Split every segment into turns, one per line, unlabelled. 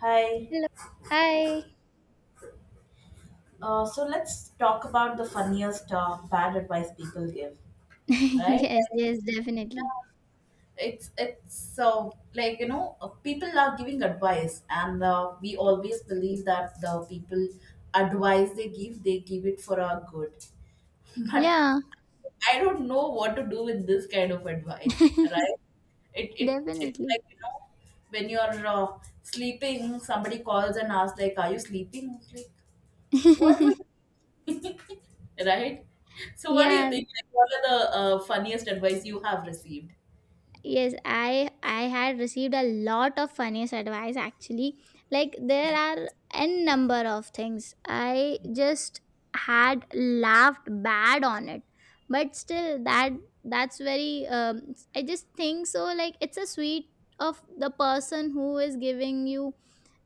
Hi.
Hello. Hi.
So let's talk about the funniest bad advice people give, right?
Yes, yes, definitely.
It's so like people are giving advice, and we always believe that the people advice they give it for our good. But
Yeah,
I don't know what to do with this kind of advice, right? It it it's
definitely.
like you know when you're sleeping, somebody calls and asks like, "Are you sleeping?" Like, what were you right? So, what do you
yeah,
think? Like, what are the funniest advice you have received?
yes, I had received a lot of funniest advice actually. Like there
Yeah.
are n number of things I just had laughed bad on it. But still that that's very I just think so, like it's a sweet of the person who is giving you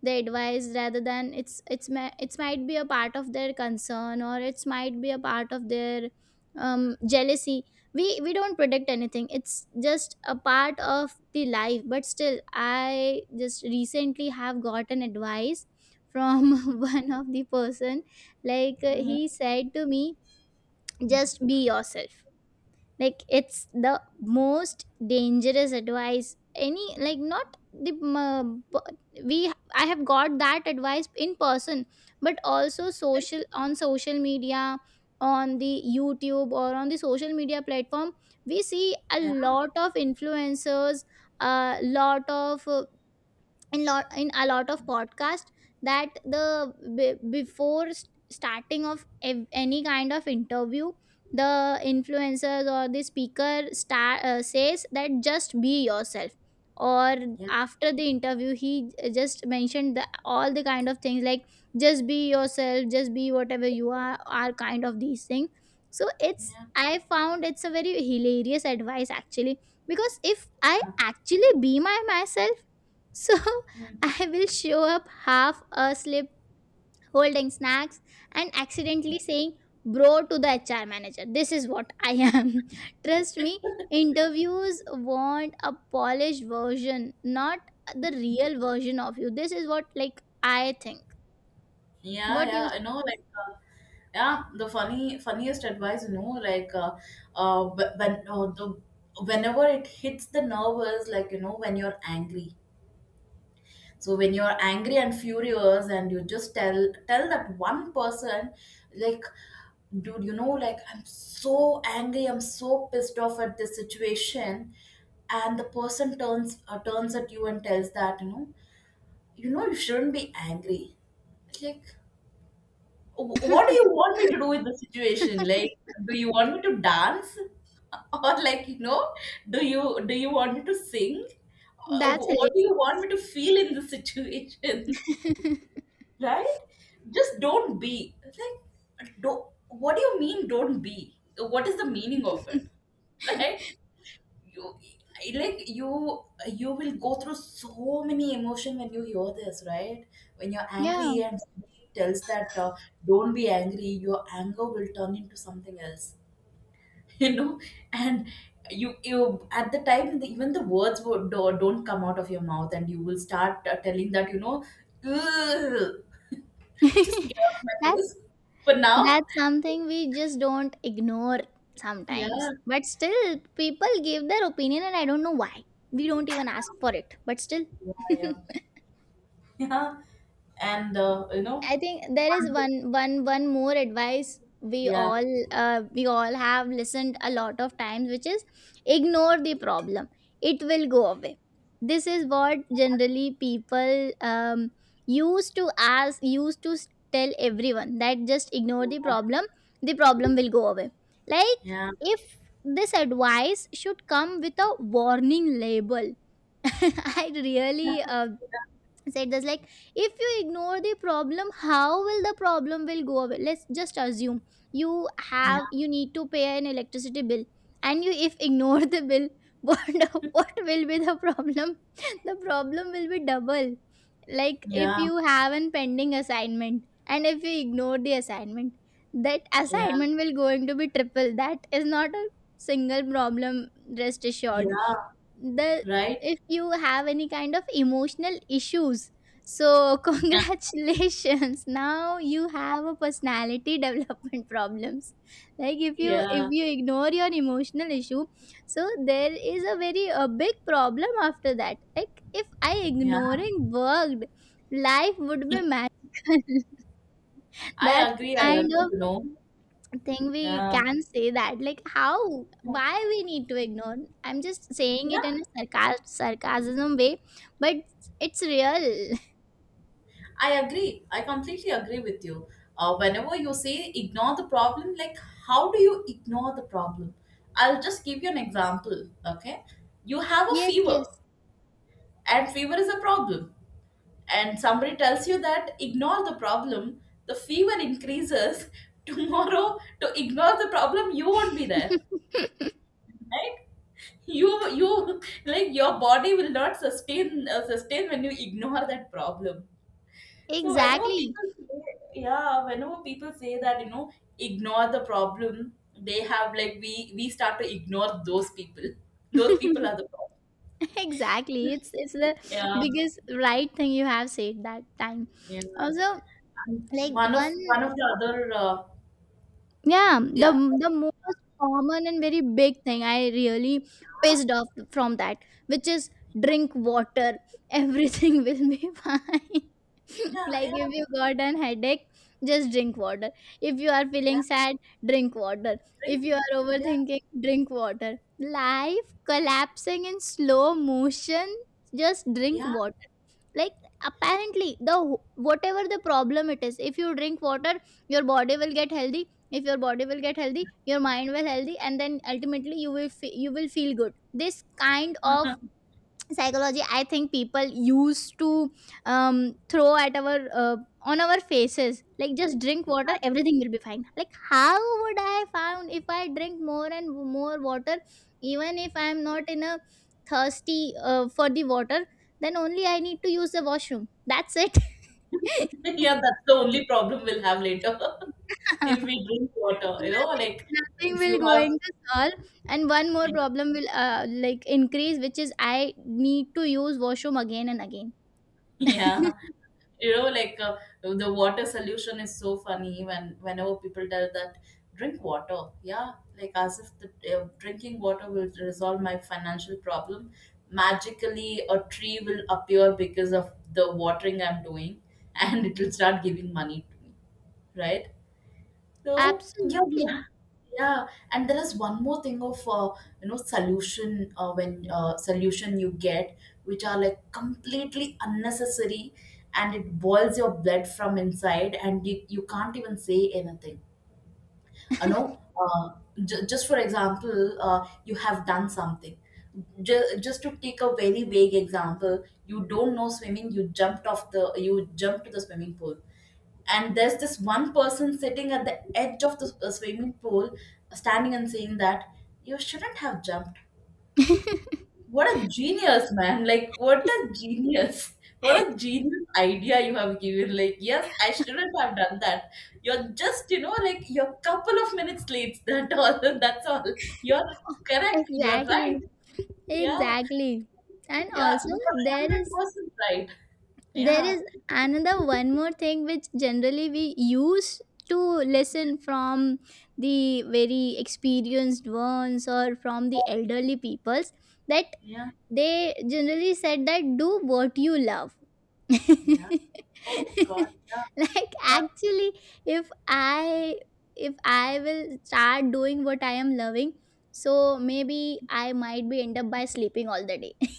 the advice, rather than it's ma- it's might be a part of their concern, or it's might be a part of their jealousy. We don't predict anything, it's just a part of the life. But still, I just recently have gotten advice from one of the person, like
Hmm.
he said to me, just be yourself. Like it's the most dangerous advice. Any like not the p- we I have got that advice in person, but also social on social media, on the youtube or on the social media platform. We see a
Yeah.
lot of influencers, a lot of in a lot of podcast, that the be- before s- starting of any kind of interview, the influencers or the speaker star, says that just be yourself. Or
Yeah.
after the interview he just mentioned the all the kind of things, like just be yourself, just be whatever you are, kind of these things. So it's
Yeah.
I found it's a very hilarious advice actually, because if I actually be my myself, so
Mm.
I will show up half asleep, holding snacks, and accidentally saying bro to the HR manager. This is what I am. Trust me, interviews want a polished version, not the real version of you. This is what, like, I think.
Yeah.
What
Yeah,
you
I know. Like. Yeah, the funny funniest advice, you know, like wh- when the whenever it hits the nerve is like you know when you're angry, so when you're angry and furious and you just tell that one person, like, dude, you know, like, I'm so angry, I'm so pissed off at this situation, and the person turns at you and tells that, you know, you know, you shouldn't be angry. Like, wh- what do you want me to do with the situation? Like, do you want me to dance or like you know, do you want me to sing? Uh,
that's it.
what do you want me to feel in this situation, right? Just don't be like, don't, what do you mean don't be, what is the meaning of it, right? You, I- like you will go through so many emotion when you hear this, right? When you're angry
Yeah.
and somebody tells that, don't be angry, your anger will turn into something else, you know. And you at the time the, even the words would, do- don't come out of your mouth and you will start telling that you know, "Ugh, just get out of my
that's
face for now."
that's something we just don't ignore sometimes.
Yeah.
But still people give their opinion and I don't know why. We don't even ask for it. But still,
Yeah. Yeah, yeah. And you know,
I think there is
one thing,
one more advice
yeah.
we all have listened a lot of times, which is ignore the problem. It will go away. This is what generally people used to tell everyone, that just ignore the problem. The problem will go away. Like
Yeah.
if this advice should come with a warning label. I really said this, like if you ignore the problem, how will the problem will go away? Let's just assume you
Yeah.
have, you need to pay an electricity bill, and you if ignore the bill, what what will be the problem? The problem will be double. Like if
Yeah.
you have an pending assignment, and if you ignore the assignment, that
Yeah.
assignment will going to be triple. That is not a single problem, rest assured.
Yeah.
The
Right.
If you have any kind of emotional issues, so
Yeah.
congratulations, now you have a personality development problems. Like if
Yeah.
you ignore your emotional issue, so there is a very a big problem after that. Like if I
Yeah.
ignoring worked, life would be magical.
I
That's
agree, I
kind
agree,
of
you know.
thing we
Yeah.
can say, that like how, why we need to ignore? I'm just saying it in
Yeah.
a sarcasm way, but it's real.
I agree. I completely agree with you. Whenever you say ignore the problem, like how do you ignore the problem? I'll just give you an example. Okay. You have a
yes
fever,
yes.
and fever is a problem. And somebody tells you that ignore the problem, the fever increases. Tomorrow, to ignore the problem, you won't be there. Right? You, like, your body will not sustain when you ignore that problem. So whenever
exactly.
people say, yeah, whenever people say that, you know, ignore the problem, they have like we start to ignore those people. Those people are the problem.
Exactly, it's the
Yeah,
biggest right thing you have said that time
yeah.
also.
And
Like
one of
one
one of the other,
Yeah,
yeah,
the most common and very big thing I really pissed off from that, which is drink water. Everything will be fine.
yeah,
Like if
yeah,
you got an headache, just drink water. If you are
yeah.
feeling sad, drink water.
Drink
If you are
water. Yeah,
overthinking, drink water. Life collapsing in slow motion, just drink
yeah,
water. Like apparently, the whatever the problem it is, if you drink water, your body will get healthy. If your body will get healthy, your mind will healthy, and then ultimately you will you will feel good. This kind of psychology, I think, people used to um throw at our uh, on our faces, like just drink
yeah.
water, everything will be fine. Like how would I found if I drink more and more water, even if I'm not in a thirsty for the water, then only I need to use the washroom, that's it.
Yeah, that's the only problem we'll have later if we drink water. You know,
Nothing,
like
nothing
if you
will
have,
going to solve, and one more problem will like increase, which is I need to use washroom again and again.
yeah. You know, like the water solution is so funny when whenever people tell that, drink water, yeah. Like, as if the drinking water will resolve my financial problem, magically a tree will appear because of the watering I'm doing and it will start giving money to me, right? So yeah, we,
absolutely.
yeah. And there is one more thing of, you know, solution you get which are like completely unnecessary, and it boils your blood from inside and you can't even say anything. You know, j just for example, you have done something. Ju- just to take a very vague example, you don't know swimming, you jumped off the you jumped to the swimming pool, and there's this one person sitting at the edge of the swimming pool, standing and saying that you shouldn't have jumped. What a genius, man, like what a genius. What a genius idea you have given, like, yes, I shouldn't have done that. You're just, you know, like, you're couple of minutes late, that all, that's all. You're correct, you're right.
Exactly,
Yeah.
exactly. And
Yeah,
also,
you are
there is
100% right.
there
Yeah.
is another one more thing which generally we use to listen from the very experienced ones or from the elderly peoples, that
Yeah.
they generally said, that do what you love.
Yeah.
Like
Oh god, yeah. Yeah.
actually, if I will start doing what I am loving, so maybe I might be end up by sleeping all the day.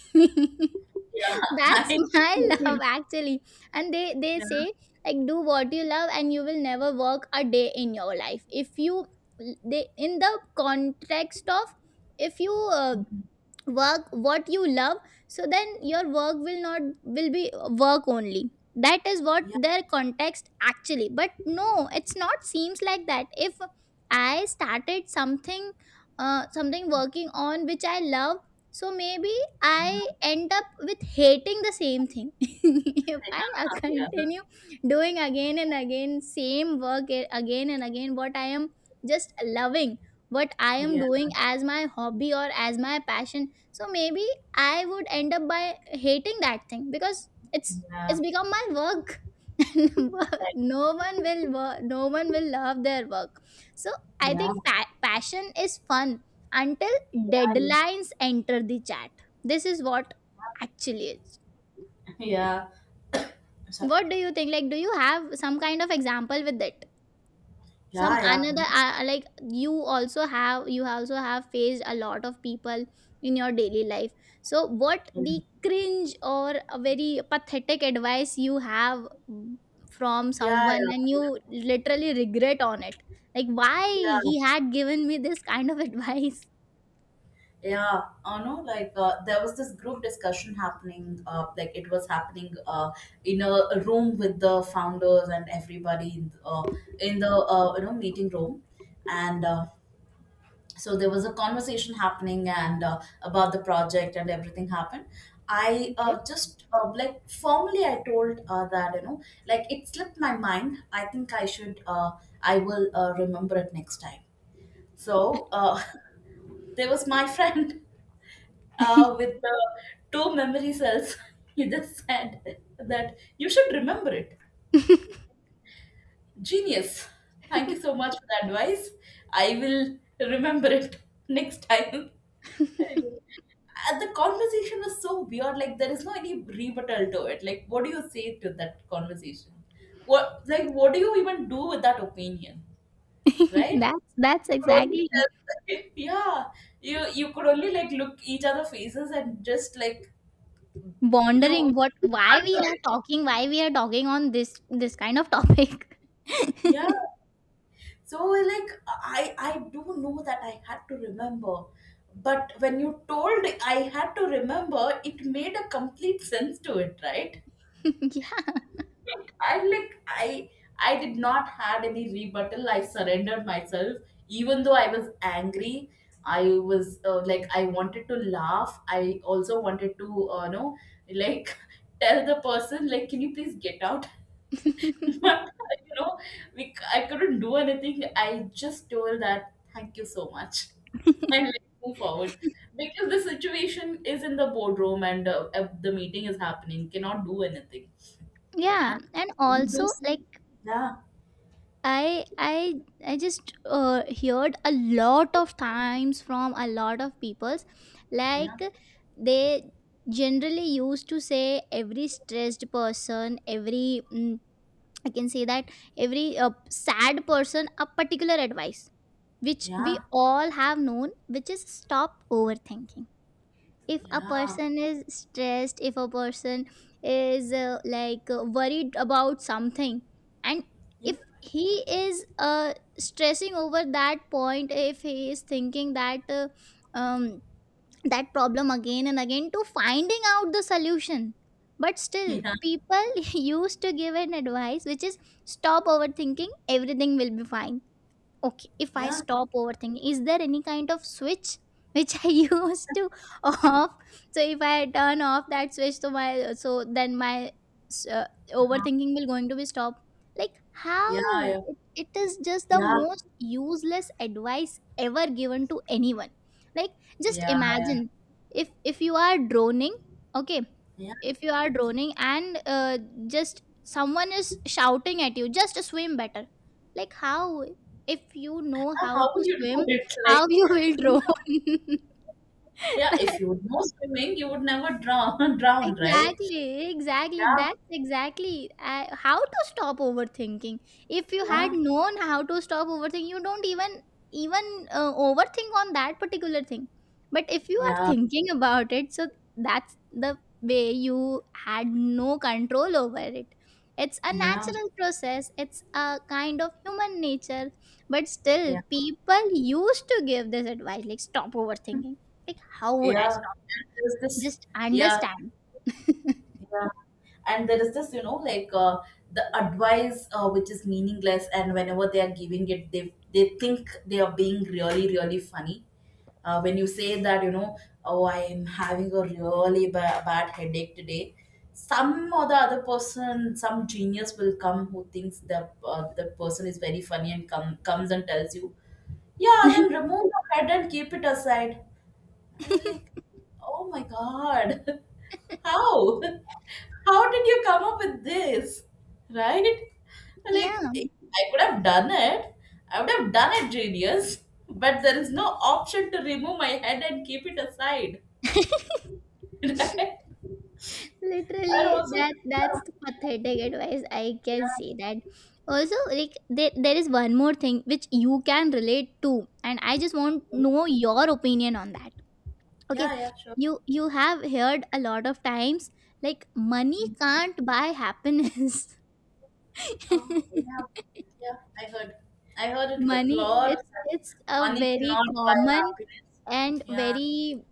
Yeah.
That's
I,
my
you
love
know.
actually. And they
Yeah.
say, like do what you love and you will never work a day in your life, if you, they in the context of, if you
Mhm.
work what you love, so then your work will not will be work only, that is what
Yeah,
their context actually. But no, it's not seems like that, if I started something, something working on which I love, so maybe I end up with hating the same thing. If
they
I
can't help it.
continue doing again and again same work, again and again what I am just loving, what I am
Yeah.
doing as my hobby or as my passion. So maybe I would end up by hating that thing, because
Yeah.
it's become my work. And
Like,
no one will love their work. So I
yeah.
think passion is fun until
Yeah, yeah.
deadlines enter the chat. This is what actually is.
Yeah. So,
What do you think? Like, do you have some kind of example with it, some
yeah, yeah, you
another
know.
like you also have, you also have faced a lot of people in your daily life. So what
Yeah.
the cringe or a very pathetic advice you have from
Yeah,
someone, and
yeah.
you literally regret on it, like why
Yeah.
he had given me this kind of advice?
Yeah, I know, like, there was this group discussion happening, like, it was happening in a room with the founders and everybody in the meeting room. And so there was a conversation happening and about the project and everything happened. I
Okay.
just like formally I told that, you know, like it slipped my mind, I think I should I will remember it next time. So there was my friend with the two memory cells. He just said that you should remember it. Genius. Thank you so much for the advice, I will remember it next time. And the conversation was so weird. Like there is no any rebuttal to it. Like what do you say to that conversation? What, like what do you even do with that opinion, right?
That's
You could only
exactly
tell, yeah, you could only like look each other faces and just like you.
wondering what, why we are talking, why we are talking on this kind of topic.
Yeah. So like I do know that I had to remember, but when you told I had to remember, it made a complete sense to it, right?
yeah.
Like I I did not had any rebuttal. I surrendered myself, even though I was angry. I was like I wanted to laugh. I also wanted to know, like tell the person like, can you please get out? But you know, we I couldn't do anything. I just told that thank you so much and like, move forward, because the situation is in the boardroom and the meeting is happening. Cannot do anything.
Yeah,
And
and
we do
also like,
see. Yeah,
I I just heard a lot of times from a lot of peoples,
yeah,
like they generally used to say, every stressed person, every I can say that, every sad person, a particular advice which we
yeah,
all have known, which is stop overthinking. If a
yeah,
person is stressed, if a person is worried about something, and if he is stressing over that point, if he is thinking that um, that problem again and again to finding out the solution, but
yeah,
still
yeah,
people used to give an advice which is, stop overthinking, everything will be fine. Okay, if I
yeah,
stop overthinking, is there any kind of switch which I used to off? So if I turn off that switch, so my so then my uh,
uh-huh.
overthinking will going to be stopped. Like
Yeah,
how,
yeah,
it is just the
yeah,
most useless advice ever given to anyone. Like just
yeah. Yeah.
imagine, if you are droning, okay,
Yeah.
if you are drowning, and just someone is shouting at you, just swim better. Like how, if you know
Yeah,
how
how would
to
you do
swim,
it? Like,
how you will drown.
yeah, if you would know swimming you would never drown drown, right?
Exactly, exactly.
Yeah,
That's exactly how to stop overthinking. If you had
yeah,
known how to stop overthinking, you don't even even overthink on that particular thing. But if you are
yeah,
thinking about it, so that's the way, you had no control over it. It's a
yeah,
natural process. It's a kind of human nature. But still,
yeah,
people used to give this advice, like stop overthinking. Like how would I
yeah.
stop?
And there's this,
Just
yeah,
understand.
yeah, and there is this, you know, like the advice which is meaningless, and whenever they are giving it, they think they are being really really funny. Uh, when you say that, you know, oh I am having a really ba- bad headache today, some or the other person, some genius will come who thinks the person is very funny and comes and tells you, yeah then remove the head and keep it aside. I'm like, oh my god. How? How did you come up with this? Right? Like,
Yeah.
if I could have done it. I would have done it, genius. But there is no option to remove my head and keep it aside. Right? And
Literally,
also,
that that's the pathetic advice, I can see that. Also, like there is one more thing which you can relate to, and I just want know your opinion on that. Okay,
yeah, yeah, sure.
you have heard a lot of times, like money can't buy happiness.
Oh, yeah, yeah, I heard. I heard it a
Money,
lot of
it's
times.
it's a
Money
very
cannot buy
common
happiness.
and
Yeah,
very,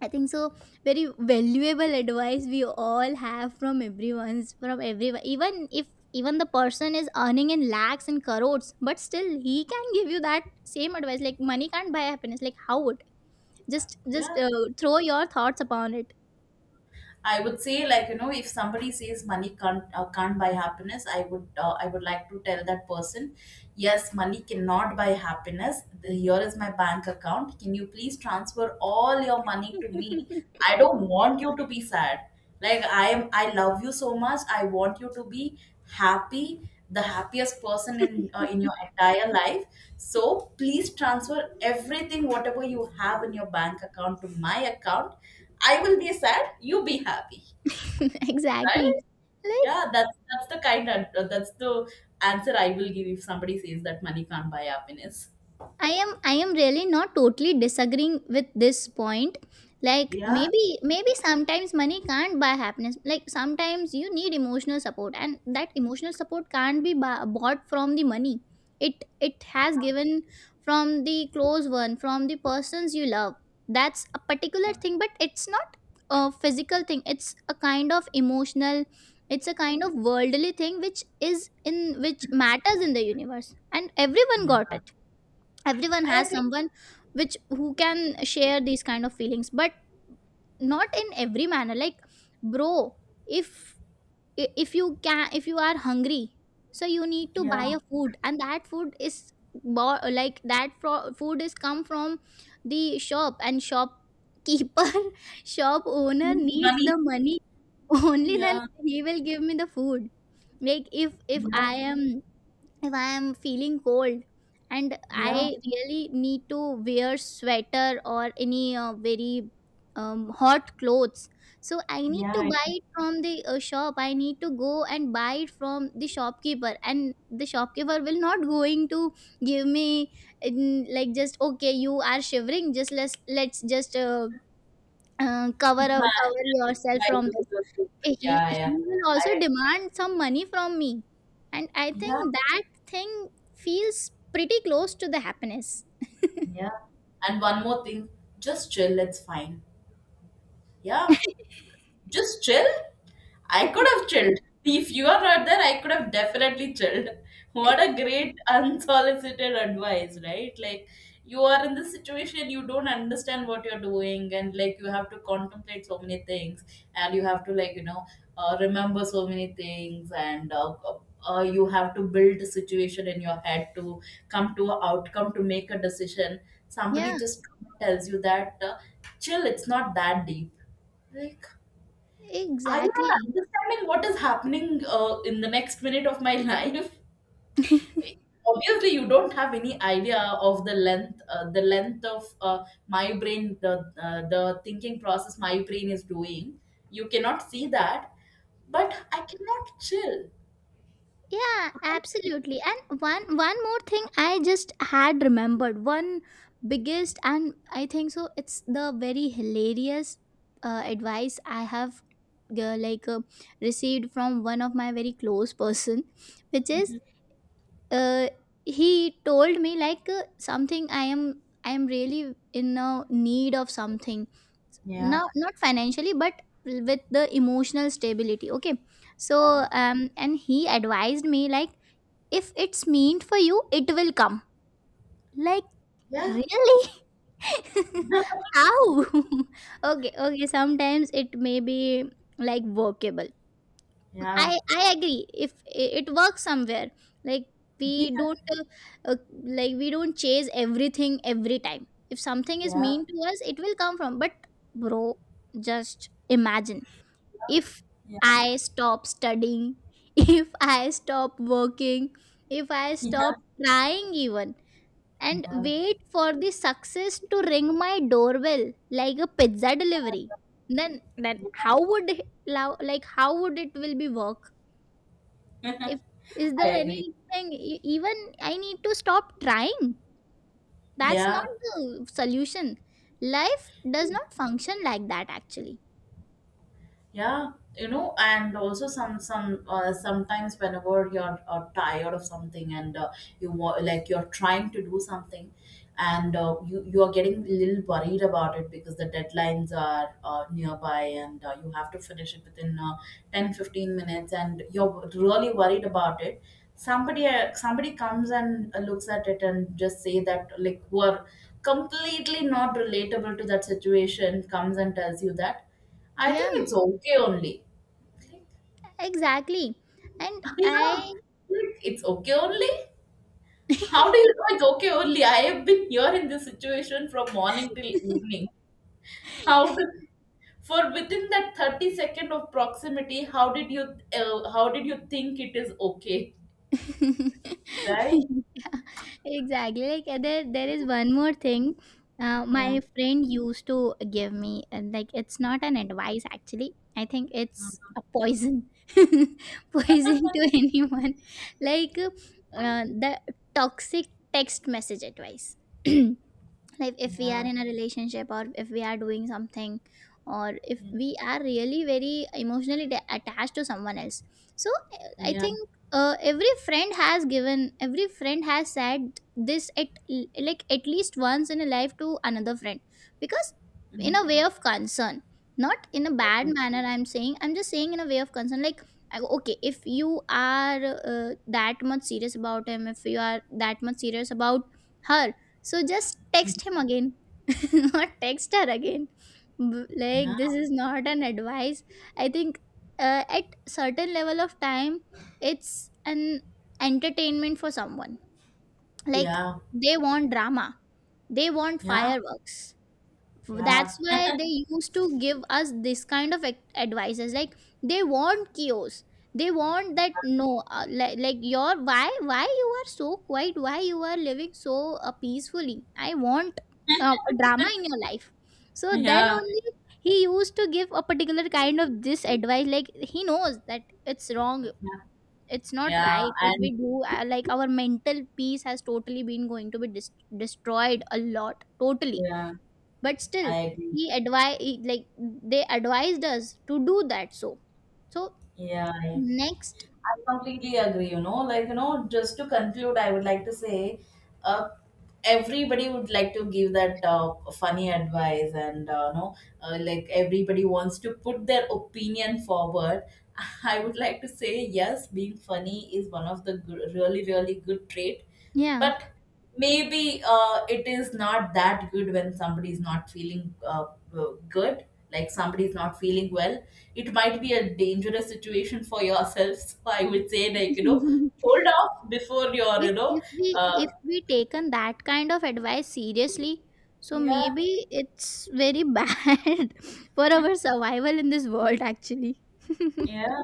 I think so, very valuable advice we all have from everyone, even if, even the person is earning in lakhs and crores, but still he can give you that same advice, like money can't buy happiness. Like how would, just
yeah,
throw your thoughts upon it.
I would say, like you know, if somebody says money can't buy happiness, I would like to tell that person, yes, money cannot buy happiness. The- Here is my bank account. Can you please transfer all your money to me? I don't want you to be sad. Like, I am, I love you so much, I want you to be happy, the happiest person in your entire life. So please transfer everything whatever you have in your bank account to my account. I will be sad, you be happy, right?
exactly. Like,
Yeah, that's the kind of, that's the answer I will give if somebody says that money can't buy happiness.
I am really not totally disagreeing with this point. Like
Yeah.
maybe, maybe sometimes money can't buy happiness. Like sometimes you need emotional support, and that emotional support can't be bought from the money. It has given from the close one, from the persons you love. That's a particular thing, but it's not a physical thing. It's a kind of emotional. It's a kind of worldly thing which is in which matters in the universe, and everyone
Yeah.
got it, everyone
I
has
agree.
someone which who can share these kind of feelings, but not in every manner. Like bro, if if you are hungry, so you need to
Yeah.
buy a food, and that food is food is come from the shop and shopkeeper. Shop owner
Means
needs
money.
the money, only then
Yeah.
he will give me the food. Like if
Yeah,
I am, if I am feeling cold and
yeah,
I really need to wear sweater or any very hot clothes, so I need to
yeah,
buy it from the shop. I need to go and buy it from the shopkeeper, and the shopkeeper will not going to give me, like, just okay, you are shivering, just let's just cover,
yeah.
cover
Yeah,
yourself from
you
this.
will be-
he
yeah.
he
Yeah.
will
I
also
agree.
demand some money from me, and I think
Yeah,
that thing feels pretty close to the happiness.
yeah. And one more thing, just chill, it's fine. Yeah. Just chill? I could have chilled. If you are not there, I could have definitely chilled. What a great unsolicited advice, right? Like, you are in this situation, you don't understand what you're doing, and like, you have to contemplate so many things, and you have to, like, you know, remember so many things, and you have to build the situation in your head to come to an outcome to make a decision.
Yeah,
Somebody just tells you that, chill, it's not that deep. Like, I'm not
exactly.
understanding what is happening in the next minute of my life. Obviously, you don't have any idea of the length of my brain, the thinking process my brain is doing. You cannot see that, but I cannot chill.
Yeah, absolutely. And one more thing, I just had remembered one biggest, and I think so it's the very hilarious advice I have uh, like uh, received from one of my very close person, which is, uh, he told me like, something I am, I am really in a need of something
Yeah.
now, not financially but with the emotional stability, okay?
Yeah.
So and he advised me like, if it's meant for you, it will come. Like,
Yeah.
really? How? Okay, okay, sometimes it may be like workable.
Yeah.
I agree. If it works somewhere, like we
Yeah.
don't uh, like, we don't chase everything every time. If something is
Yeah.
mean to us, it will come from. But bro, just imagine, if
Yeah.
I stop studying, if I stop working, if I stop trying even, and
Yeah.
wait for the success to ring my doorbell like a pizza delivery, then
Yeah.
how would it, like how would it will be work? If is
I
there
agree.
anything even I need to stop trying, that's not
Yeah.
the solution. Life does not function like that actually.
Yeah, you know, and also sometimes whenever you're tired of something and you wa- like you're trying to do something and you are getting a little worried about it because the deadlines are nearby and you have to finish it within 10 15 minutes and you're really worried about it. Somebody comes and looks at it and just say that, like, who are completely not relatable to that situation, comes and tells you that I
Yeah,
think it's okay only. Like,
exactly. And
yeah,
I
like, it's okay only. How do you know it's okay only, I have been here in this situation from morning till evening. How do, for within that 30 second of proximity how did you think it is okay, right?
yeah, exactly. Like there is one more thing.
Yeah.
My friend used to give me, and like, it's not an advice actually. I think it's a poison, poison to anyone. Like the toxic text message advice. Like if we are
Yeah.
in a relationship, or if we are doing something, or if we are really very emotionally attached to someone else, so I
Yeah.
think every friend has said this at like at least once in a life to another friend, because in
Mhm.
a way of concern. Not in a bad
Okay.
manner I'm saying, I'm just saying in a way of concern. Like, I- okay, if you are that much serious about him, if you are that much serious about her, so just
Mhm.
text him again, not text her again.
Yeah,
Like, this is not an advice. I think at certain level of time, it's an entertainment for someone. Like,
yeah,
they want drama, they want
yeah,
fireworks,
yeah,
that's why they used to give us this kind of advices. Like, they want chaos, they want that, no like your, why you are so quiet, why you are living so peacefully, I want a drama in your life. So then
yeah,
only he used to give a particular kind of this advice. Like, he knows that it's wrong, it's not
yeah,
right. If we
and
do like, our mental peace has totally been going to be destroyed a lot totally.
yeah,
But
I
still
agree.
he advise, like, they advised us to do that. So
Yeah,
next.
I completely agree. You know, like you know, just to conclude, I would like to say, uh, everybody would like to give that funny advice, and you know, like everybody wants to put their opinion forward. I would like to say, yes, being funny is one of the good, really, really good trait,
Yeah.
but maybe it is not that good when somebody is not feeling good, like somebody is not feeling well, it might be a dangerous situation for yourself. So I would say, like, you know,
If
hold off before your, you
if
know,
we
uh,
if we taken that kind of advice seriously, so
yeah,
maybe it's very bad for our survival in this world actually.
yeah.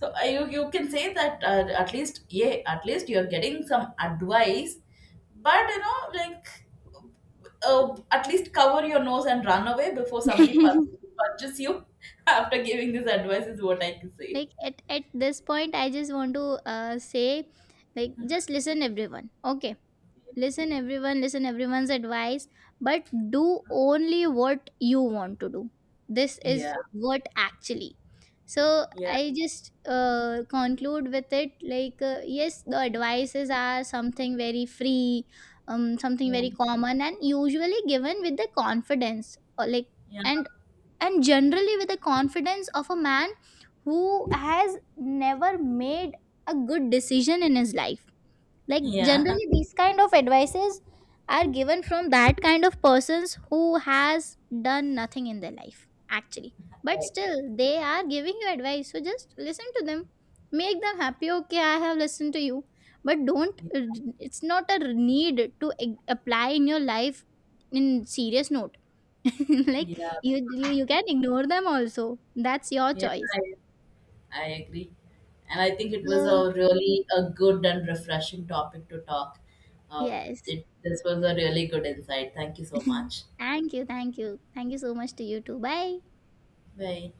So you you can say that at least yeah at least you're getting some advice, but you know like at least cover your nose and run away before punches you after giving this advice is what I can say.
Like at this point, I just want to say, like, just listen everyone, okay? Listen everyone, listen everyone's advice, but do only what you want to do. This is
Yeah.
what actually. So
Yeah.
I just conclude with it. Like yes, the advices are something very free, something
Yeah.
very common, and usually given with the confidence, or like,
Yeah.
and and generally with the confidence of a man who has never made a good decision in his life. Like,
Yeah.
generally these kind of advices are given from that kind of persons who has done nothing in their life actually. But
I agree.
still they are giving you advice, so just listen to them, make them happy. Okay, I have listened to you, but don't,
Yeah.
it's not a need to apply in your life in serious note. Like
Yeah.
you can ignore them also. That's your
Yes,
choice.
I agree. And I think it was
So
a really a good and refreshing topic to talk. Uh,
yes.
this was a really good insight. Thank you so much.
Thank you, thank you, thank you so much, to you too. Bye.
Véi.